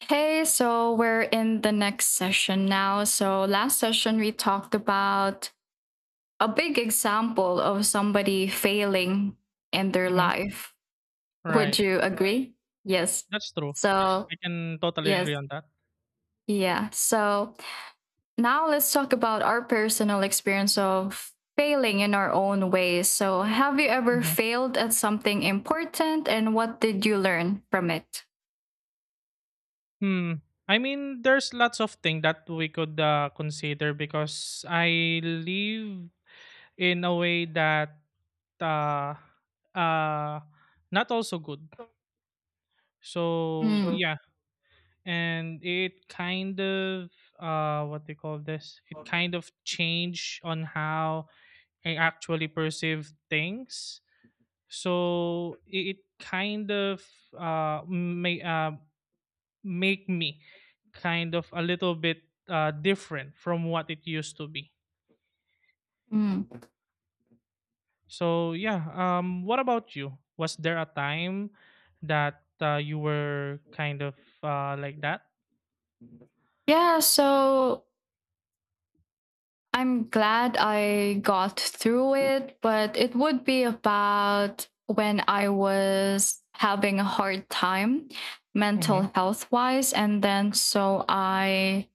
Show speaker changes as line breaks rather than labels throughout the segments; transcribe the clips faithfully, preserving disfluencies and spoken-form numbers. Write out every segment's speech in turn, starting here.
Hey, so we're in the next session now. So, last session we talked about a big example of somebody failing in their
Mhm,
life. Would
right.
you agree? Yes.
That's true.
So,
I can totally agree
yes.
on that.
Yeah. So, now let's talk about our personal experience of failing in our own ways. So, have you ever
Mhm.
failed at something important and what did you learn from it?
Hmm. I mean, there's lots of things that we could uh, consider because I live in a way that uh, uh, not also good. So
Mm.
yeah, and it kind of uh, what they call this? It kind of change on how I actually perceive things. So i- it kind of uh, may, uh, make me kind of a little bit uh, different from what it used to be.
Mm.
So yeah, um, what about you, was there a time that uh, you were kind of uh, like that?
Yeah, so I'm glad I got through it, but it would be about when I was having a hard time
Mm-hmm,
mental health wise. And then so I,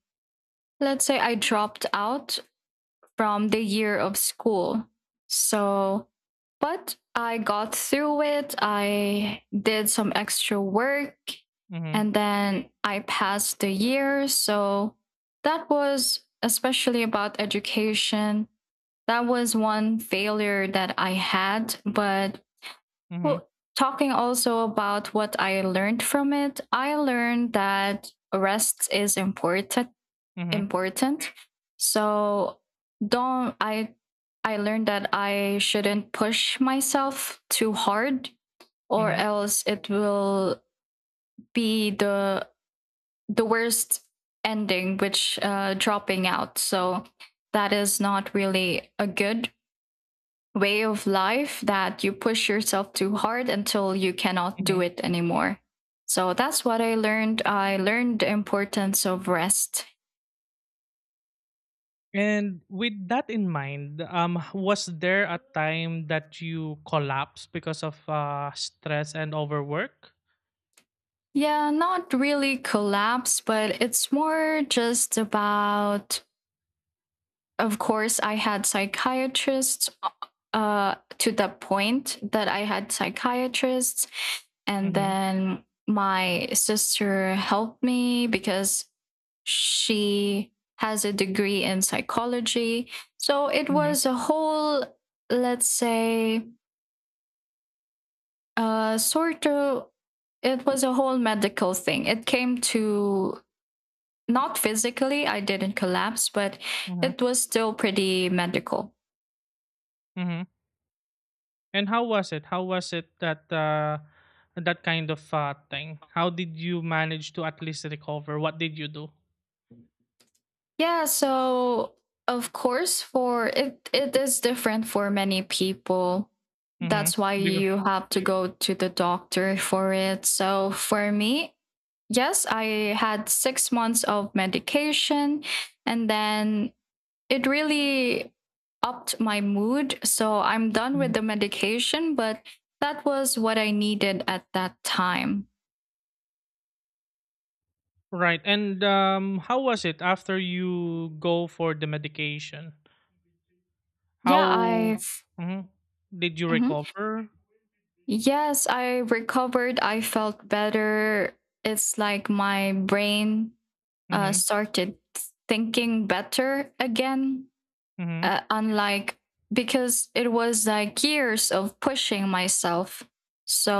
let's say I dropped out from the year of school. So, but I got through it. I did some extra work
mm-hmm,
and then I passed the year. So that was especially about education, that was one failure that I had. But,
mm-hmm,
well, talking also about what I learned from it, I learned that rest is important.
mm-hmm,
Important. So don't I. I learned that I shouldn't push myself too hard, or
mm-hmm,
else it will be the the worst ending, which uh, dropping out. So that is not really a good way of life that you push yourself too hard until you cannot do
mm-hmm.
it anymore. So that's what I learned. I learned the importance of rest.
And with that in mind, um, h- was there a time that you collapsed because of uh, stress and overwork?
Yeah, not really collapse, but it's more just about, of course, I had psychiatrists, uh, to the point that I had psychiatrists. And
Mm-hmm,
then my sister helped me because she has a degree in psychology. So it was a whole, let's say, uh, sort of, it was a whole medical thing. It came to not physically, I didn't collapse, but
mhm,
it was still pretty medical.
mhm. And how was it? How was it that uh, that kind of uh, thing? How did you manage to at least recover? What did you do?
Yeah, so of course for it it is different for many people.
Mm-hmm.
That's why
Because,
you have to go to the doctor for it. So for me, yes, I had six months of medication and then it really upped my mood. So I'm done with
mhm.
the medication, but that was what I needed at that time.
Right. And um, how was it after you go for the medication?
Yeah, I
How mhm, did you
mm-hmm.
recover?
Yes, I recovered. I felt better. It's like my brain uh,
Mm-hmm,
started thinking better again.
mm-hmm,
Uh, unlike because it was like years of pushing myself.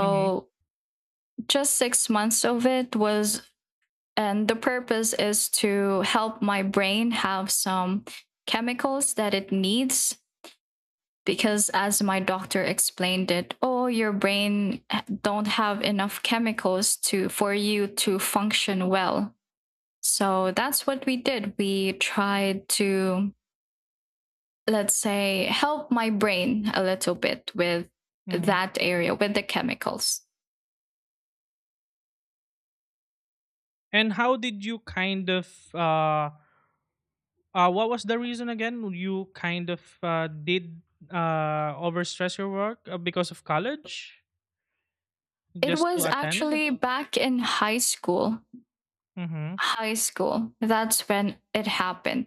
mm-hmm,
just six months of it was, and the purpose is to help my brain have some chemicals that it needs, because as my doctor explained it, oh, your brain don't have enough chemicals to for you to function well, so that's what we did, we tried to, let's say, help my brain a little bit with
mm-hmm.
that area with the chemicals.
And how did you kind of uh, Uh, what was the reason again? You kind of uh, did uh, overstress your work uh, because of college
It
just to
was
attend?
actually back in high school.
Mm-hmm.
High school. That's when it happened.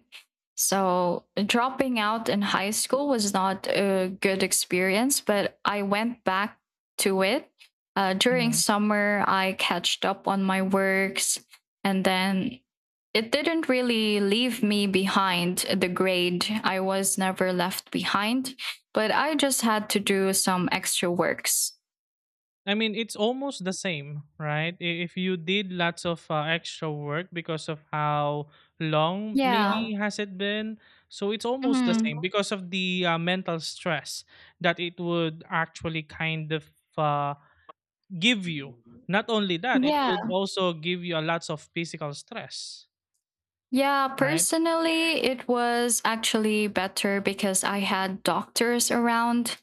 So, dropping out in high school was not a good experience, but I went back to it. Uh, during
Mm-hmm.
summer, I catched up on my works, and then it didn't really leave me behind the grade. I was never left behind, but I just had to do some extra works.
I mean, it's almost the same, right? I- If you did lots of uh, extra work because of how long
Yeah.
maybe has it been, so it's almost the
Mhm.
same because of the uh, mental stress that it would actually kind of uh, give you. Not only that, it would
Yeah.
also give you a lots of physical stress,
Yeah,
right?
personally, it was actually better because I had doctors around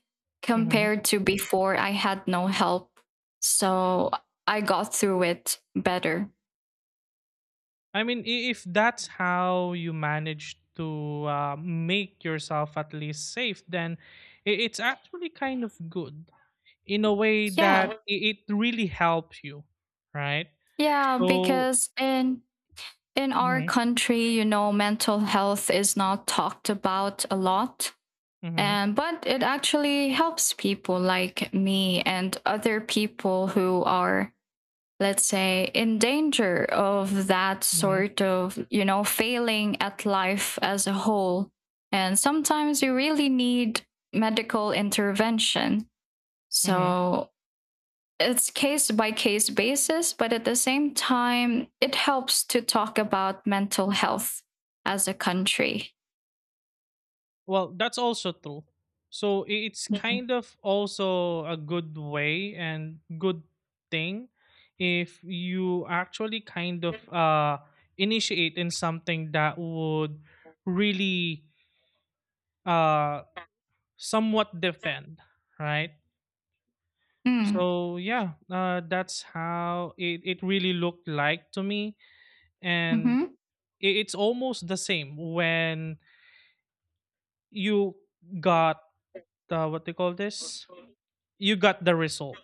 Mhm.
compared to before, I had no help. So I got through it better.
I mean, i- if that's how you manage to uh, make yourself at least safe, then i- it's actually kind of good in a way that
Yeah.
i- it really helps you, right?
Yeah,
So,
because in in our
mm-hmm,
country, you know, mental health is not talked about a lot.
mm-hmm,
And but it actually helps people like me and other people who are, let's say, in danger of that
mm-hmm,
sort of, you know, failing at life as a whole, and sometimes you really need medical intervention,
mm-hmm.
so it's case by case basis, but at the same time it helps to talk about mental health as a country.
Well, that's also true. So i- it's
Mm-hmm.
kind of also a good way and good thing if you actually kind of uh, initiate in something that would really uh, somewhat depend, right? So yeah, uh, that's how it, it really looked like to me, and
Mm-hmm.
i- it's almost the same when you got uh, what they call this. You got the result.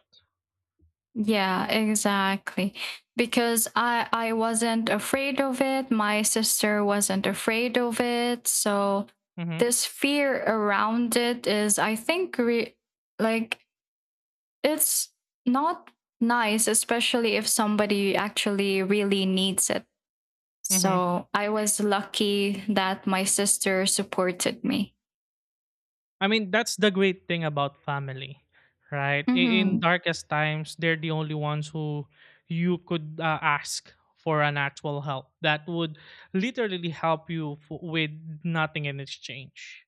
Yeah, exactly. Because I I wasn't afraid of it, my sister wasn't afraid of it. So
Mhm,
this fear around it is, I think, re- like, it's not nice, especially if somebody actually really needs it.
mhm.
So I was lucky that my sister supported me.
I mean, that's the great thing about family, right? I- In
Mhm.
darkest times, they're the only ones who you could uh, ask for an actual help that would literally help you f- with nothing in exchange.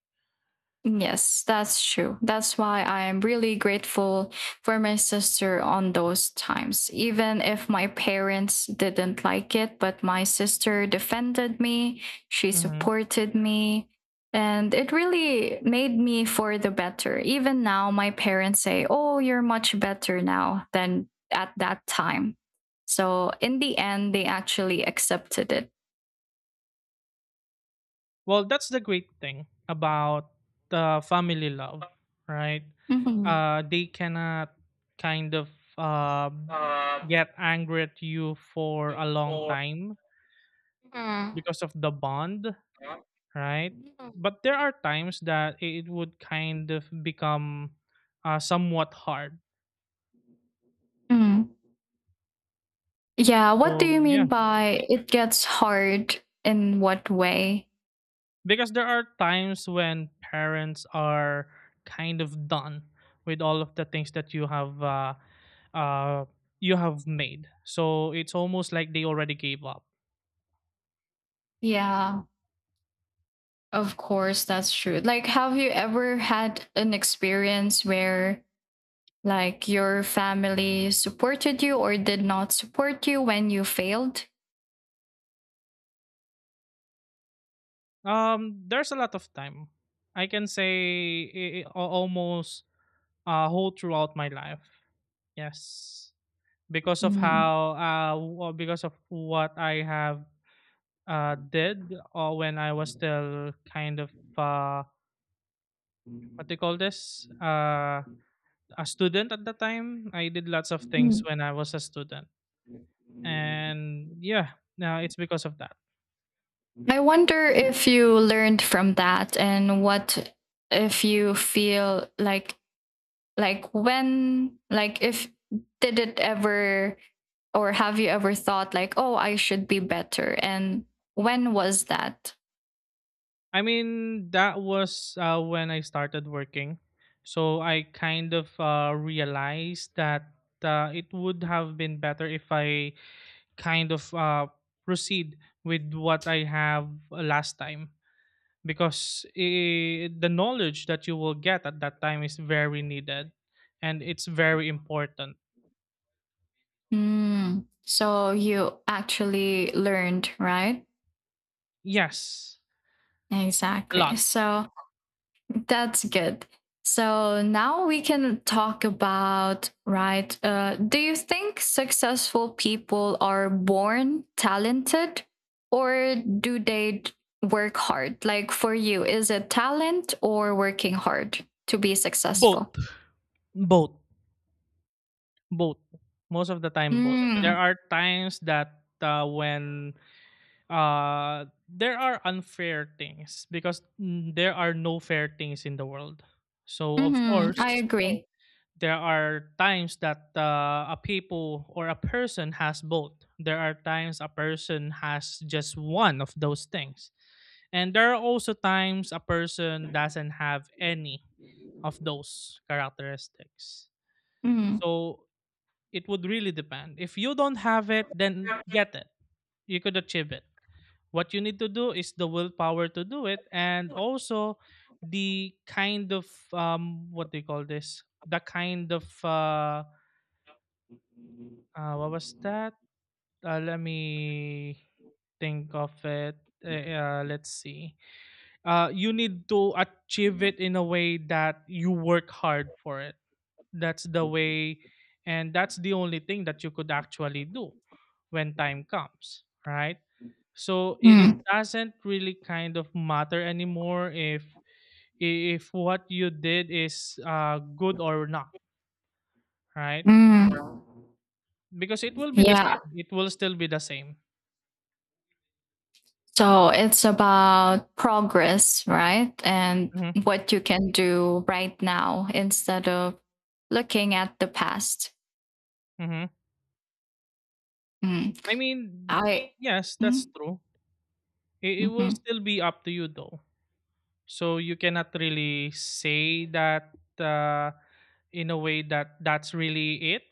Yes, that's true. That's why I am really grateful for my sister on those times. Even if my parents didn't like it, but my sister defended me, she
Mm-hmm.
supported me, and it really made me for the better. Even now, my parents say, oh, you're much better now than at that time. So in the end, they actually accepted it.
Well, that's the great thing about the family love, right?
Mhm.
Uh, they cannot kind of uh, get angry at you for a long time
Mhm.
because of the bond, right?
Mhm.
But there are times that it would kind of become uh, somewhat hard.
Mm. Yeah, what do you
So, yeah.
mean by it gets hard in what way?
Because there are times when parents are kind of done with all of the things that you have uh, uh, you have made, so it's almost like they already gave up.
Yeah, of course, that's true. Like, have you ever had an experience where, like, your family supported you or did not support you when you failed?
Um, there's a lot of time. I can say i i- al- almost uh whole throughout my life. Yes, because of
Mm.
how uh w- uh, because of what I have uh did uh, when I was still kind of uh what do you call this, uh a student at the time. I did lots of things
Mm.
when I was a student. And yeah, now it's because of that.
I wonder if you learned from that, and what, if you feel like like when, like if, did it ever, or have you ever thought like, oh, I should be better, and when was that?
I mean, that was uh, when I started working. So I kind of uh, realized that uh, it would have been better if I kind of uh, proceed with what I have uh, last time. Because I the knowledge that you will get at that time is very needed and it's very important.
Mm, so you actually learned, right,
Yes, a
exactly,
lot.
so that's good. So now we can talk about, right? Uh, do you think successful people are born talented or do they d- work hard? Like for you, is it talent or working hard to be successful?
Both, both, both. Most of the time, both. There
Mm.
are times that uh, when uh, there are unfair things because mm, there are no fair things in the world. So of
Hmm, I
course,
agree.
there are times that uh, a people or a person has both. There are times a person has just one of those things. And there are also times a person doesn't have any of those characteristics.
Mm.
So it would really depend. If you don't have it, then get it. You could achieve it. What you need to do is the willpower to do it, and also the kind of um what do you call this? The kind of uh Uh, what was that? Uh, let me think of it. Eh, Uh, let's see. Uh, you need to achieve it in a way that you work hard for it. That's the way, and that's the only thing that you could actually do when time comes, right? So it, it
Mm.
doesn't really kind of matter anymore if if what you did is uh, good or not, right?
Mm.
Because it will be the
Yeah,
same. It will still be the same.
so it's about progress, right? And what you can do right now instead of looking at the past.
Hmm.
Mm.
I mean,
I,
yes, that's
mm,
true. It, it will
mhm.
still be up to you though. So you cannot really say that uh, in a way that that's really it.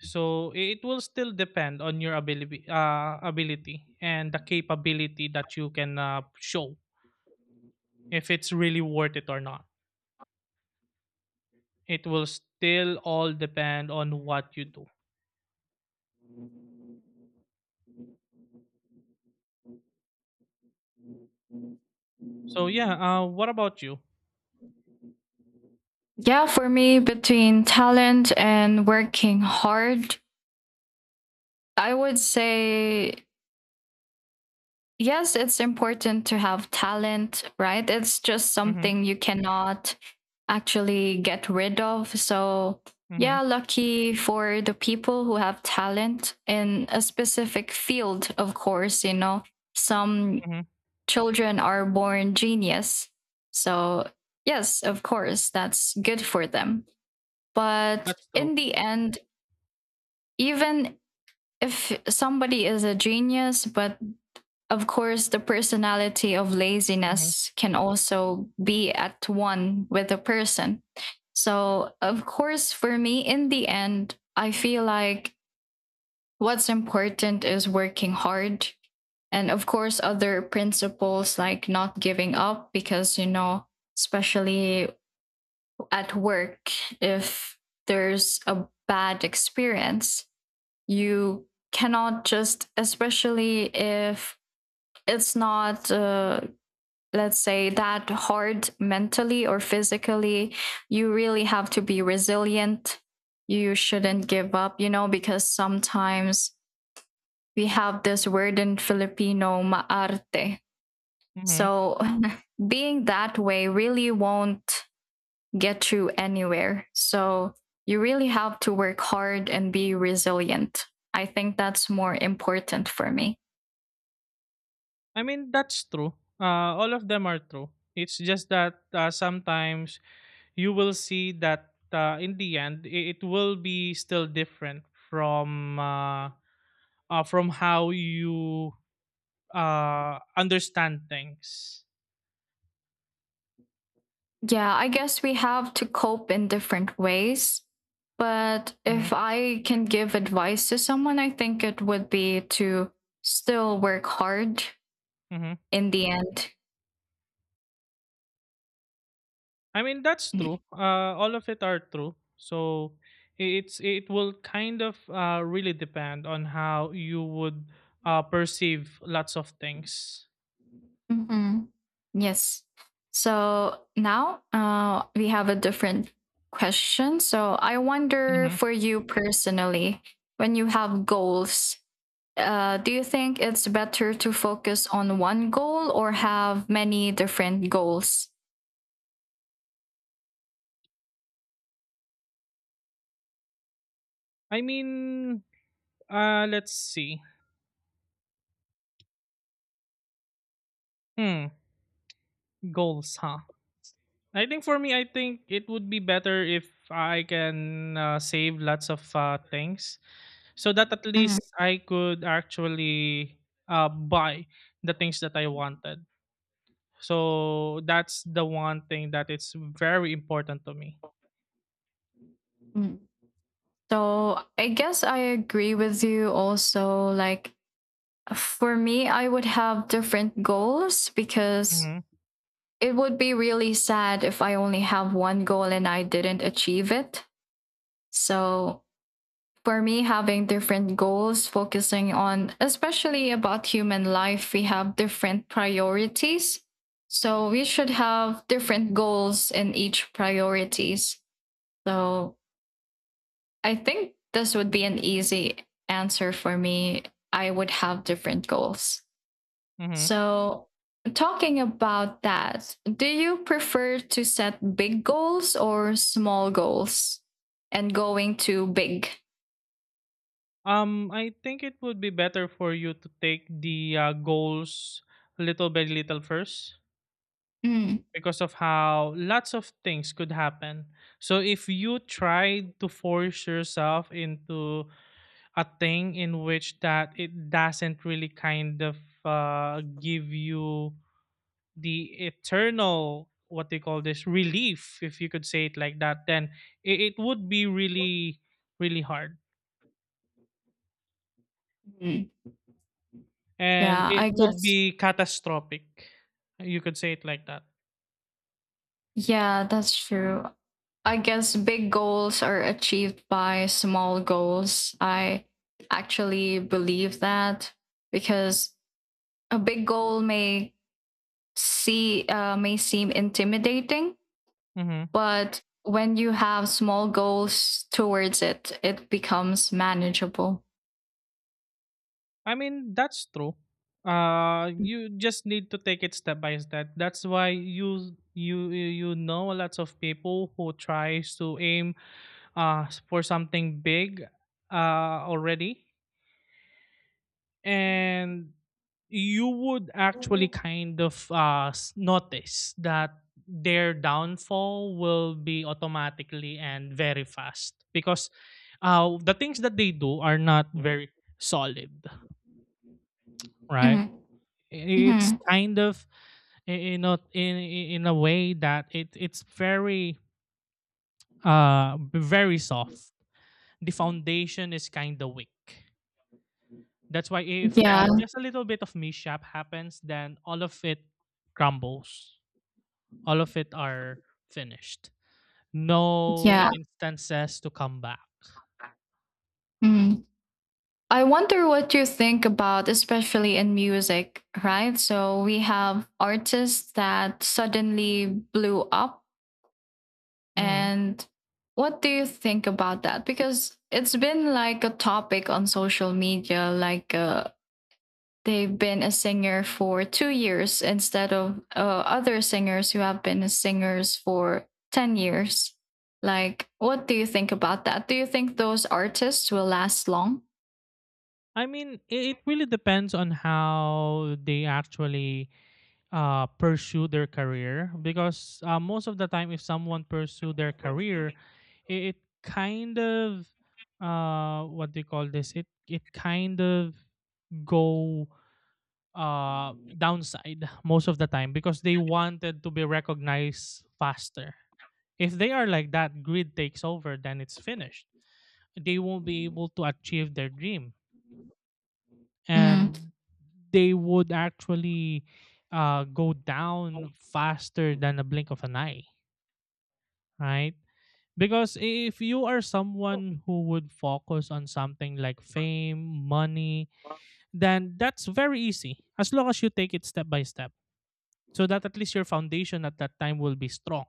So i- it will still depend on your ability, uh, ability and the capability that you can uh, show if it's really worth it or not. It will still all depend on what you do. So yeah, uh, what about you?
Yeah, for me, between talent and working hard, I would say yes, it's important to have talent, right? It's just
Mm-hmm,
something you cannot actually get rid of. So,
mm-hmm,
yeah, lucky for the people who have talent in a specific field, of course, you know, some
mm-hmm.
children are born genius. So, yes, of course, that's good for them. But
That's true.
in the end, even if somebody is a genius, but of course, the personality of
Mm-hmm,
laziness can also be at one with the person. So, of course, for me, in the end, I feel like what's important is working hard. And of course, other principles like not giving up, because, you know, especially at work, if there's a bad experience, you cannot just, especially if it's not uh, let's say that hard mentally or physically, you really have to be resilient, you shouldn't give up, you know, because sometimes we have this word in Filipino, maarte.
mm-hmm.
So being that way really won't get you anywhere, so you really have to work hard and be resilient. I think that's more important for me.
I mean, that's true. Uh, all of them are true. It's just that uh, sometimes you will see that uh, in the end it, it will be still different from uh, uh, from how you uh, understand things.
Yeah, I guess we have to cope in different ways. But
Hmm.
if I can give advice to someone, I think it would be to still work hard
Hmm.
in the end.
I mean, that's true. Uh, all of it are true. So i- it's it will kind of uh, really depend on how you would uh, perceive lots of things.
Hmm. Yes. So now uh, we have a different question. So I wonder
Hmm.
for you personally, when you have goals, uh, do you think it's better to focus on one goal or have many different goals?
I mean, Uh, let's see. Hmm, goals, huh? I think for me, I think it would be better if I can uh, save lots of uh, things so that at least I could actually uh, buy the things that I wanted. So that's the one thing that is very important to me.
Mm. So I guess I agree with you also. Like for me, I would have different goals because
Mm-hmm.
it would be really sad if I only have one goal and I didn't achieve it. So for me, having different goals, focusing on, especially about human life, we have different priorities. So we should have different goals in each priorities. So I think this would be an easy answer for me. I would have different goals.
Mm-hmm.
So, talking about that, do you prefer to set big goals or small goals, and going to big?
Um, I think it would be better for you to take the uh, goals little by little first
Mm.
because of how lots of things could happen. So if you try to force yourself into a thing in which that it doesn't really kind of uh, give you the eternal what they call this relief, if you could say it like that, then it, it would be really really hard.
Mm.
And
Yeah,
it
I
would
guess.
be catastrophic. You could say it like that.
Yeah, that's true. I guess big goals are achieved by small goals. I actually believe that because a big goal may see uh, may seem intimidating,
Mm-hmm.
but when you have small goals towards it, it becomes manageable.
I mean, that's true. Uh, you just need to take it step by step. That's why you you you you know lots of people who tries to aim uh for something big uh already, and you would actually kind of uh s- notice that their downfall will be automatically and very fast because uh the things that they do are not very solid, right?
Mm.
It's
Hmm.
kind of i- in a in in a way that it it's very uh b- very soft. The foundation is kind of weak. That's why if
Yeah,
uh, just a little bit of mishap happens, then all of it crumbles. All of it are finished. No
yeah.
instances to come back.
Mm. I wonder what you think about, especially in music, right? So we have artists that suddenly blew up.
Hmm.
And what do you think about that? Because it's been like a topic on social media, like a, they've been a singer for two years instead of uh, other singers who have been singers for ten years. Like, what do you think about that? Do you think those artists will last long?
I mean, i- it really depends on how they actually uh, pursue their career, because uh, most of the time if someone pursue their career, it, it kind of uh, what do you call this, it it kind of go uh, downside most of the time because they wanted to be recognized faster. If they are like that, greed takes over, then it's finished. They won't be able to achieve their dream,
Mm,
and they would actually uh, go down faster than a blink of an eye, right? Because if you are someone who would focus on something like fame, money, then that's very easy as long as you take it step by step so that at least your foundation at that time will be strong,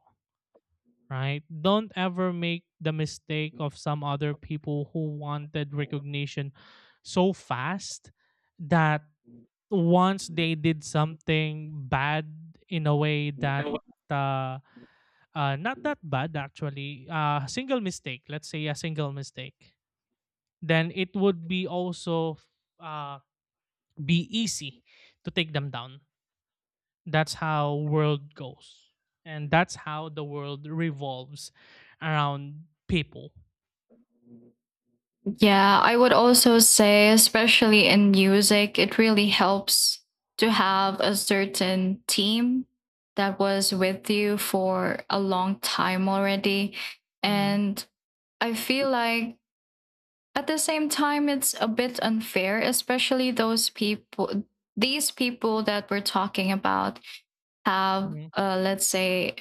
right? Don't ever make the mistake of some other people who wanted recognition so fast that once they did something bad in a way that uh, uh not that bad actually, uh single mistake, let's say a single mistake, then it would be also uh be easy to take them down. That's how world goes, and that's how the world revolves around people.
yeah, I would also say, especially in music, it really helps to have a certain team that was with you for a long time already.
Hmm.
And I feel like, at the same time, it's a bit unfair, especially those people, these people that we're talking about have,
Hmm.
uh, let's say,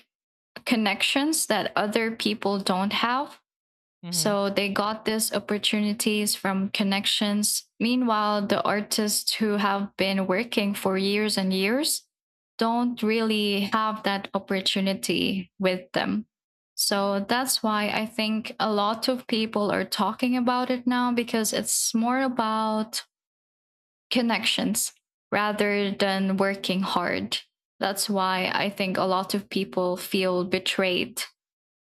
connections that other people don't have.
Hmm.
So they got these opportunities from connections. Meanwhile, the artists who have been working for years and years don't really have that opportunity with them. So that's why I think a lot of people are talking about it now, because it's more about connections rather than working hard. That's why I think a lot of people feel betrayed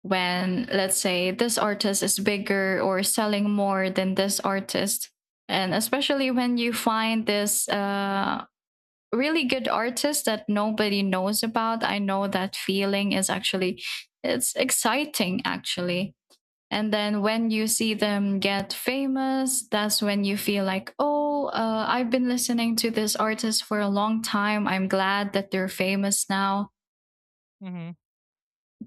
when, let's say, this artist is bigger or selling more than this artist, and especially when you find this uh, really good artist that nobody knows about. I know that feeling is actually, it's exciting, actually. And then when you see them get famous, that's when you feel like, oh, uh, I've been listening to this artist for a long time, I'm glad that they're famous now.
Hmm.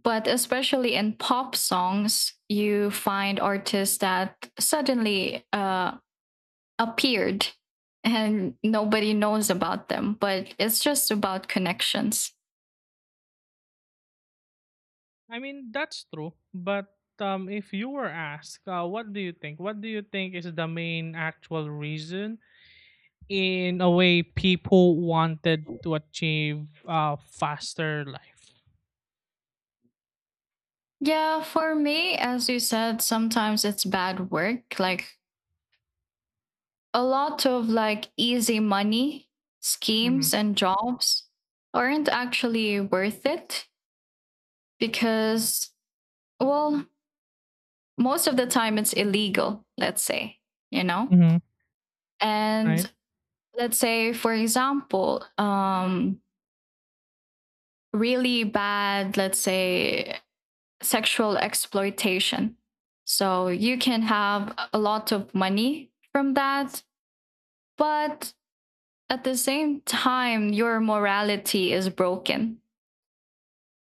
But especially in pop songs, you find artists that suddenly uh, appeared and nobody knows about them, but it's just about connections.
I mean, that's true. But um, if you were asked, uh, what do you think? What do you think is the main actual reason in a way people wanted to achieve uh, faster life?
Yeah, for me, as you said, sometimes it's bad work, like a lot of like easy money
Mm-hmm.
schemes and jobs aren't actually worth it because well, most of the time it's illegal, let's say, you know.
Mm-hmm. Right?
And let's say, for example, um really bad, let's say, sexual exploitation. So you can have a lot of money from that, but at the same time your morality is broken.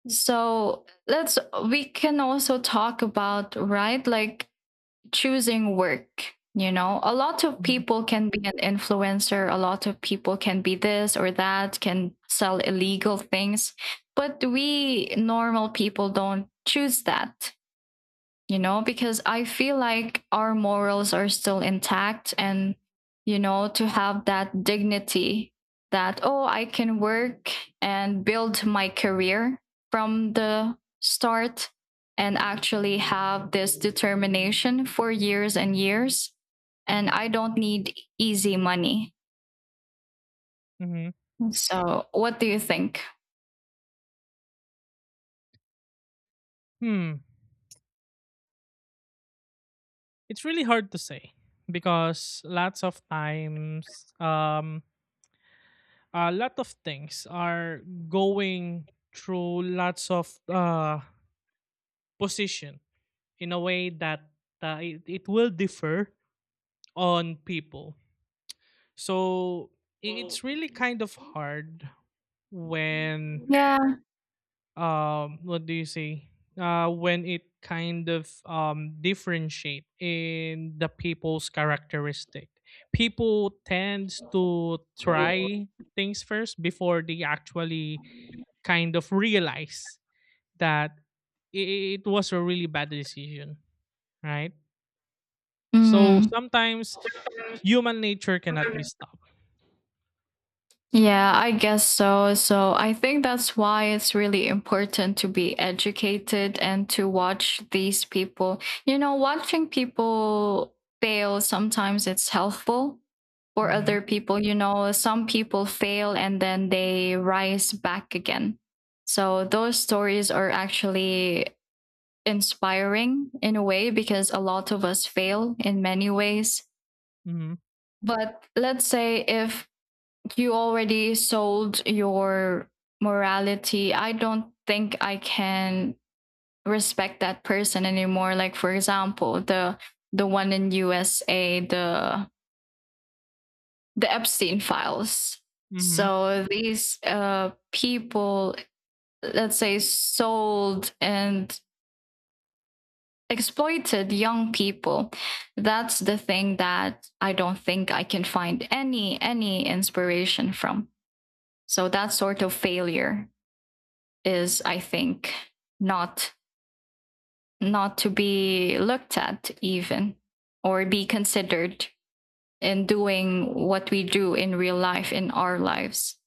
So let's, we can also talk about, right, like choosing work. You know, a lot of
Mm-hmm.
people can be an influencer, a lot of people can be this or that, can sell illegal things, but we normal people don't choose that, you know, because I feel like our morals are still intact and, you know, to have that dignity, that, oh, I can work and build my career from the start and actually have this determination for years and years. And I don't need easy money.
Mm-hmm.
So, what do you think?
Hmm. It's really hard to say because lots of times, um, a lot of things are going through lots of uh, position in a way that uh, it, it will differ on people. So i- it's really kind of hard when,
Yeah.
um what do you say? Uh, when it kind of um differentiate in the people's characteristic. People tends to try things first before they actually kind of realize that i- i- it was a really bad decision, right? So
Mm.
sometimes human nature cannot be stopped.
Yeah, I guess so. So I think that's why it's really important to be educated and to watch these people. You know, watching people fail sometimes, it's helpful for
Mm-hmm.
other people. You know, some people fail and then they rise back again. So those stories are actually inspiring in a way, because a lot of us fail in many ways.
Mm-hmm.
But let's say if you already sold your morality, I don't think I can respect that person anymore. Like, for example, the the one in U S A, the the Epstein files.
Mm-hmm.
So these uh people, let's say, sold and exploited young people. That's the thing that I don't think I can find any any inspiration from. So that sort of failure is, I think, not not to be looked at even, or be considered in doing what we do in real life, in our lives.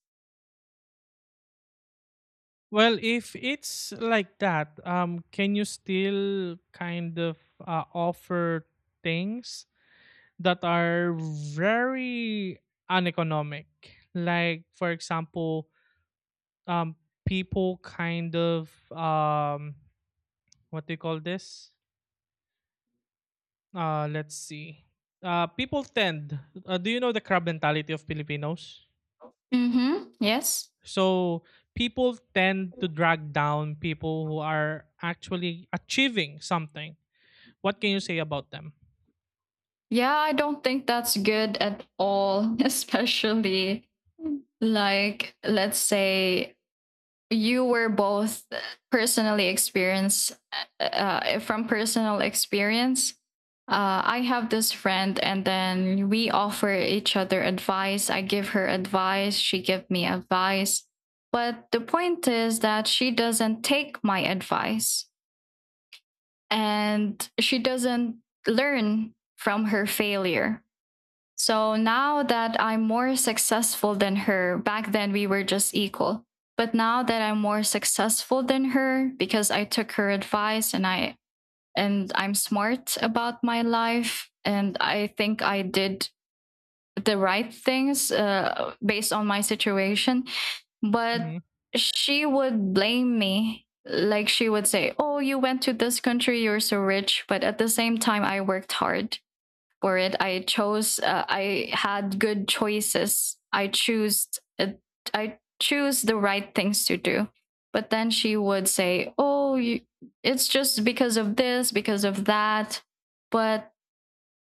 Well, if it's like that, um, can you still kind of uh, offer things that are very uneconomic. Like for example, um, people kind of, um, what do you call this? Uh, let's see. Uh, people tend. Uh, do you know the crab mentality of Filipinos?
Mm-hmm. Yes.
So people tend to drag down people who are actually achieving something. What can you say about them?
Yeah, I don't think that's good at all. Especially, like, let's say you were both personally experienced uh, uh, from personal experience. Uh, I have this friend, and then we offer each other advice. I give her advice, she give me advice. But the point is that she doesn't take my advice and she doesn't learn from her failure. So now that I'm more successful than her, back then we were just equal. But now that I'm more successful than her, because I took her advice and I and I'm smart about my life, and I think I did the right things, uh, based on my situation, but
Mhm.
she would blame me. Like she would say, "Oh, you went to this country, you're so rich," but at the same time I worked hard for it. I chose. Uh, I had good choices. I choose. Uh, I choose the right things to do. But then she would say, "Oh, you, it's just because of this, because of that." But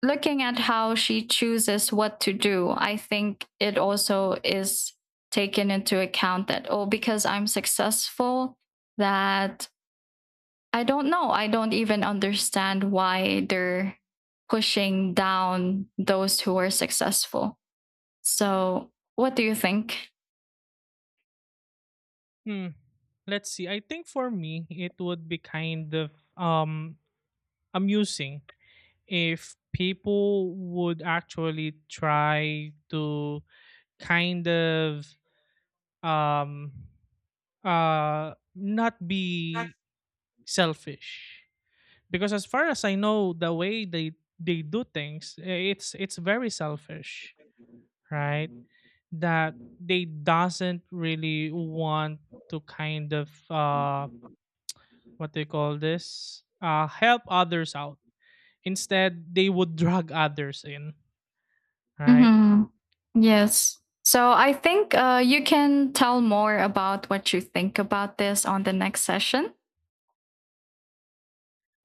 looking at how she chooses what to do, I think it also is taken into account that, oh, because I'm successful, that I don't know. I don't even understand why they're pushing down those who are successful. So, what do you think?
Hmm. Let's see. I think for me, it would be kind of um amusing if people would actually try to kind of um uh not be selfish, because as far as I know, the way they they do things, it's it's very selfish, right? That they doesn't really want to kind of uh what they call this, uh help others out. Instead, they would drag others in, right?
Mm-hmm. Yes. So, I think, uh, you can tell more about what you think about this on the next session.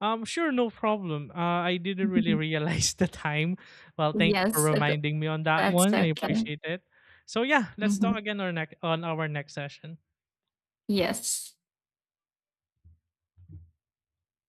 Um, sure, no problem. Uh, I didn't really realize the time. Well, thank you for
Yes,
reminding me on that
that's
one. I
okay.
appreciate it. So yeah, let's talk
Mhm.
again on, nec- on our next session.
Yes.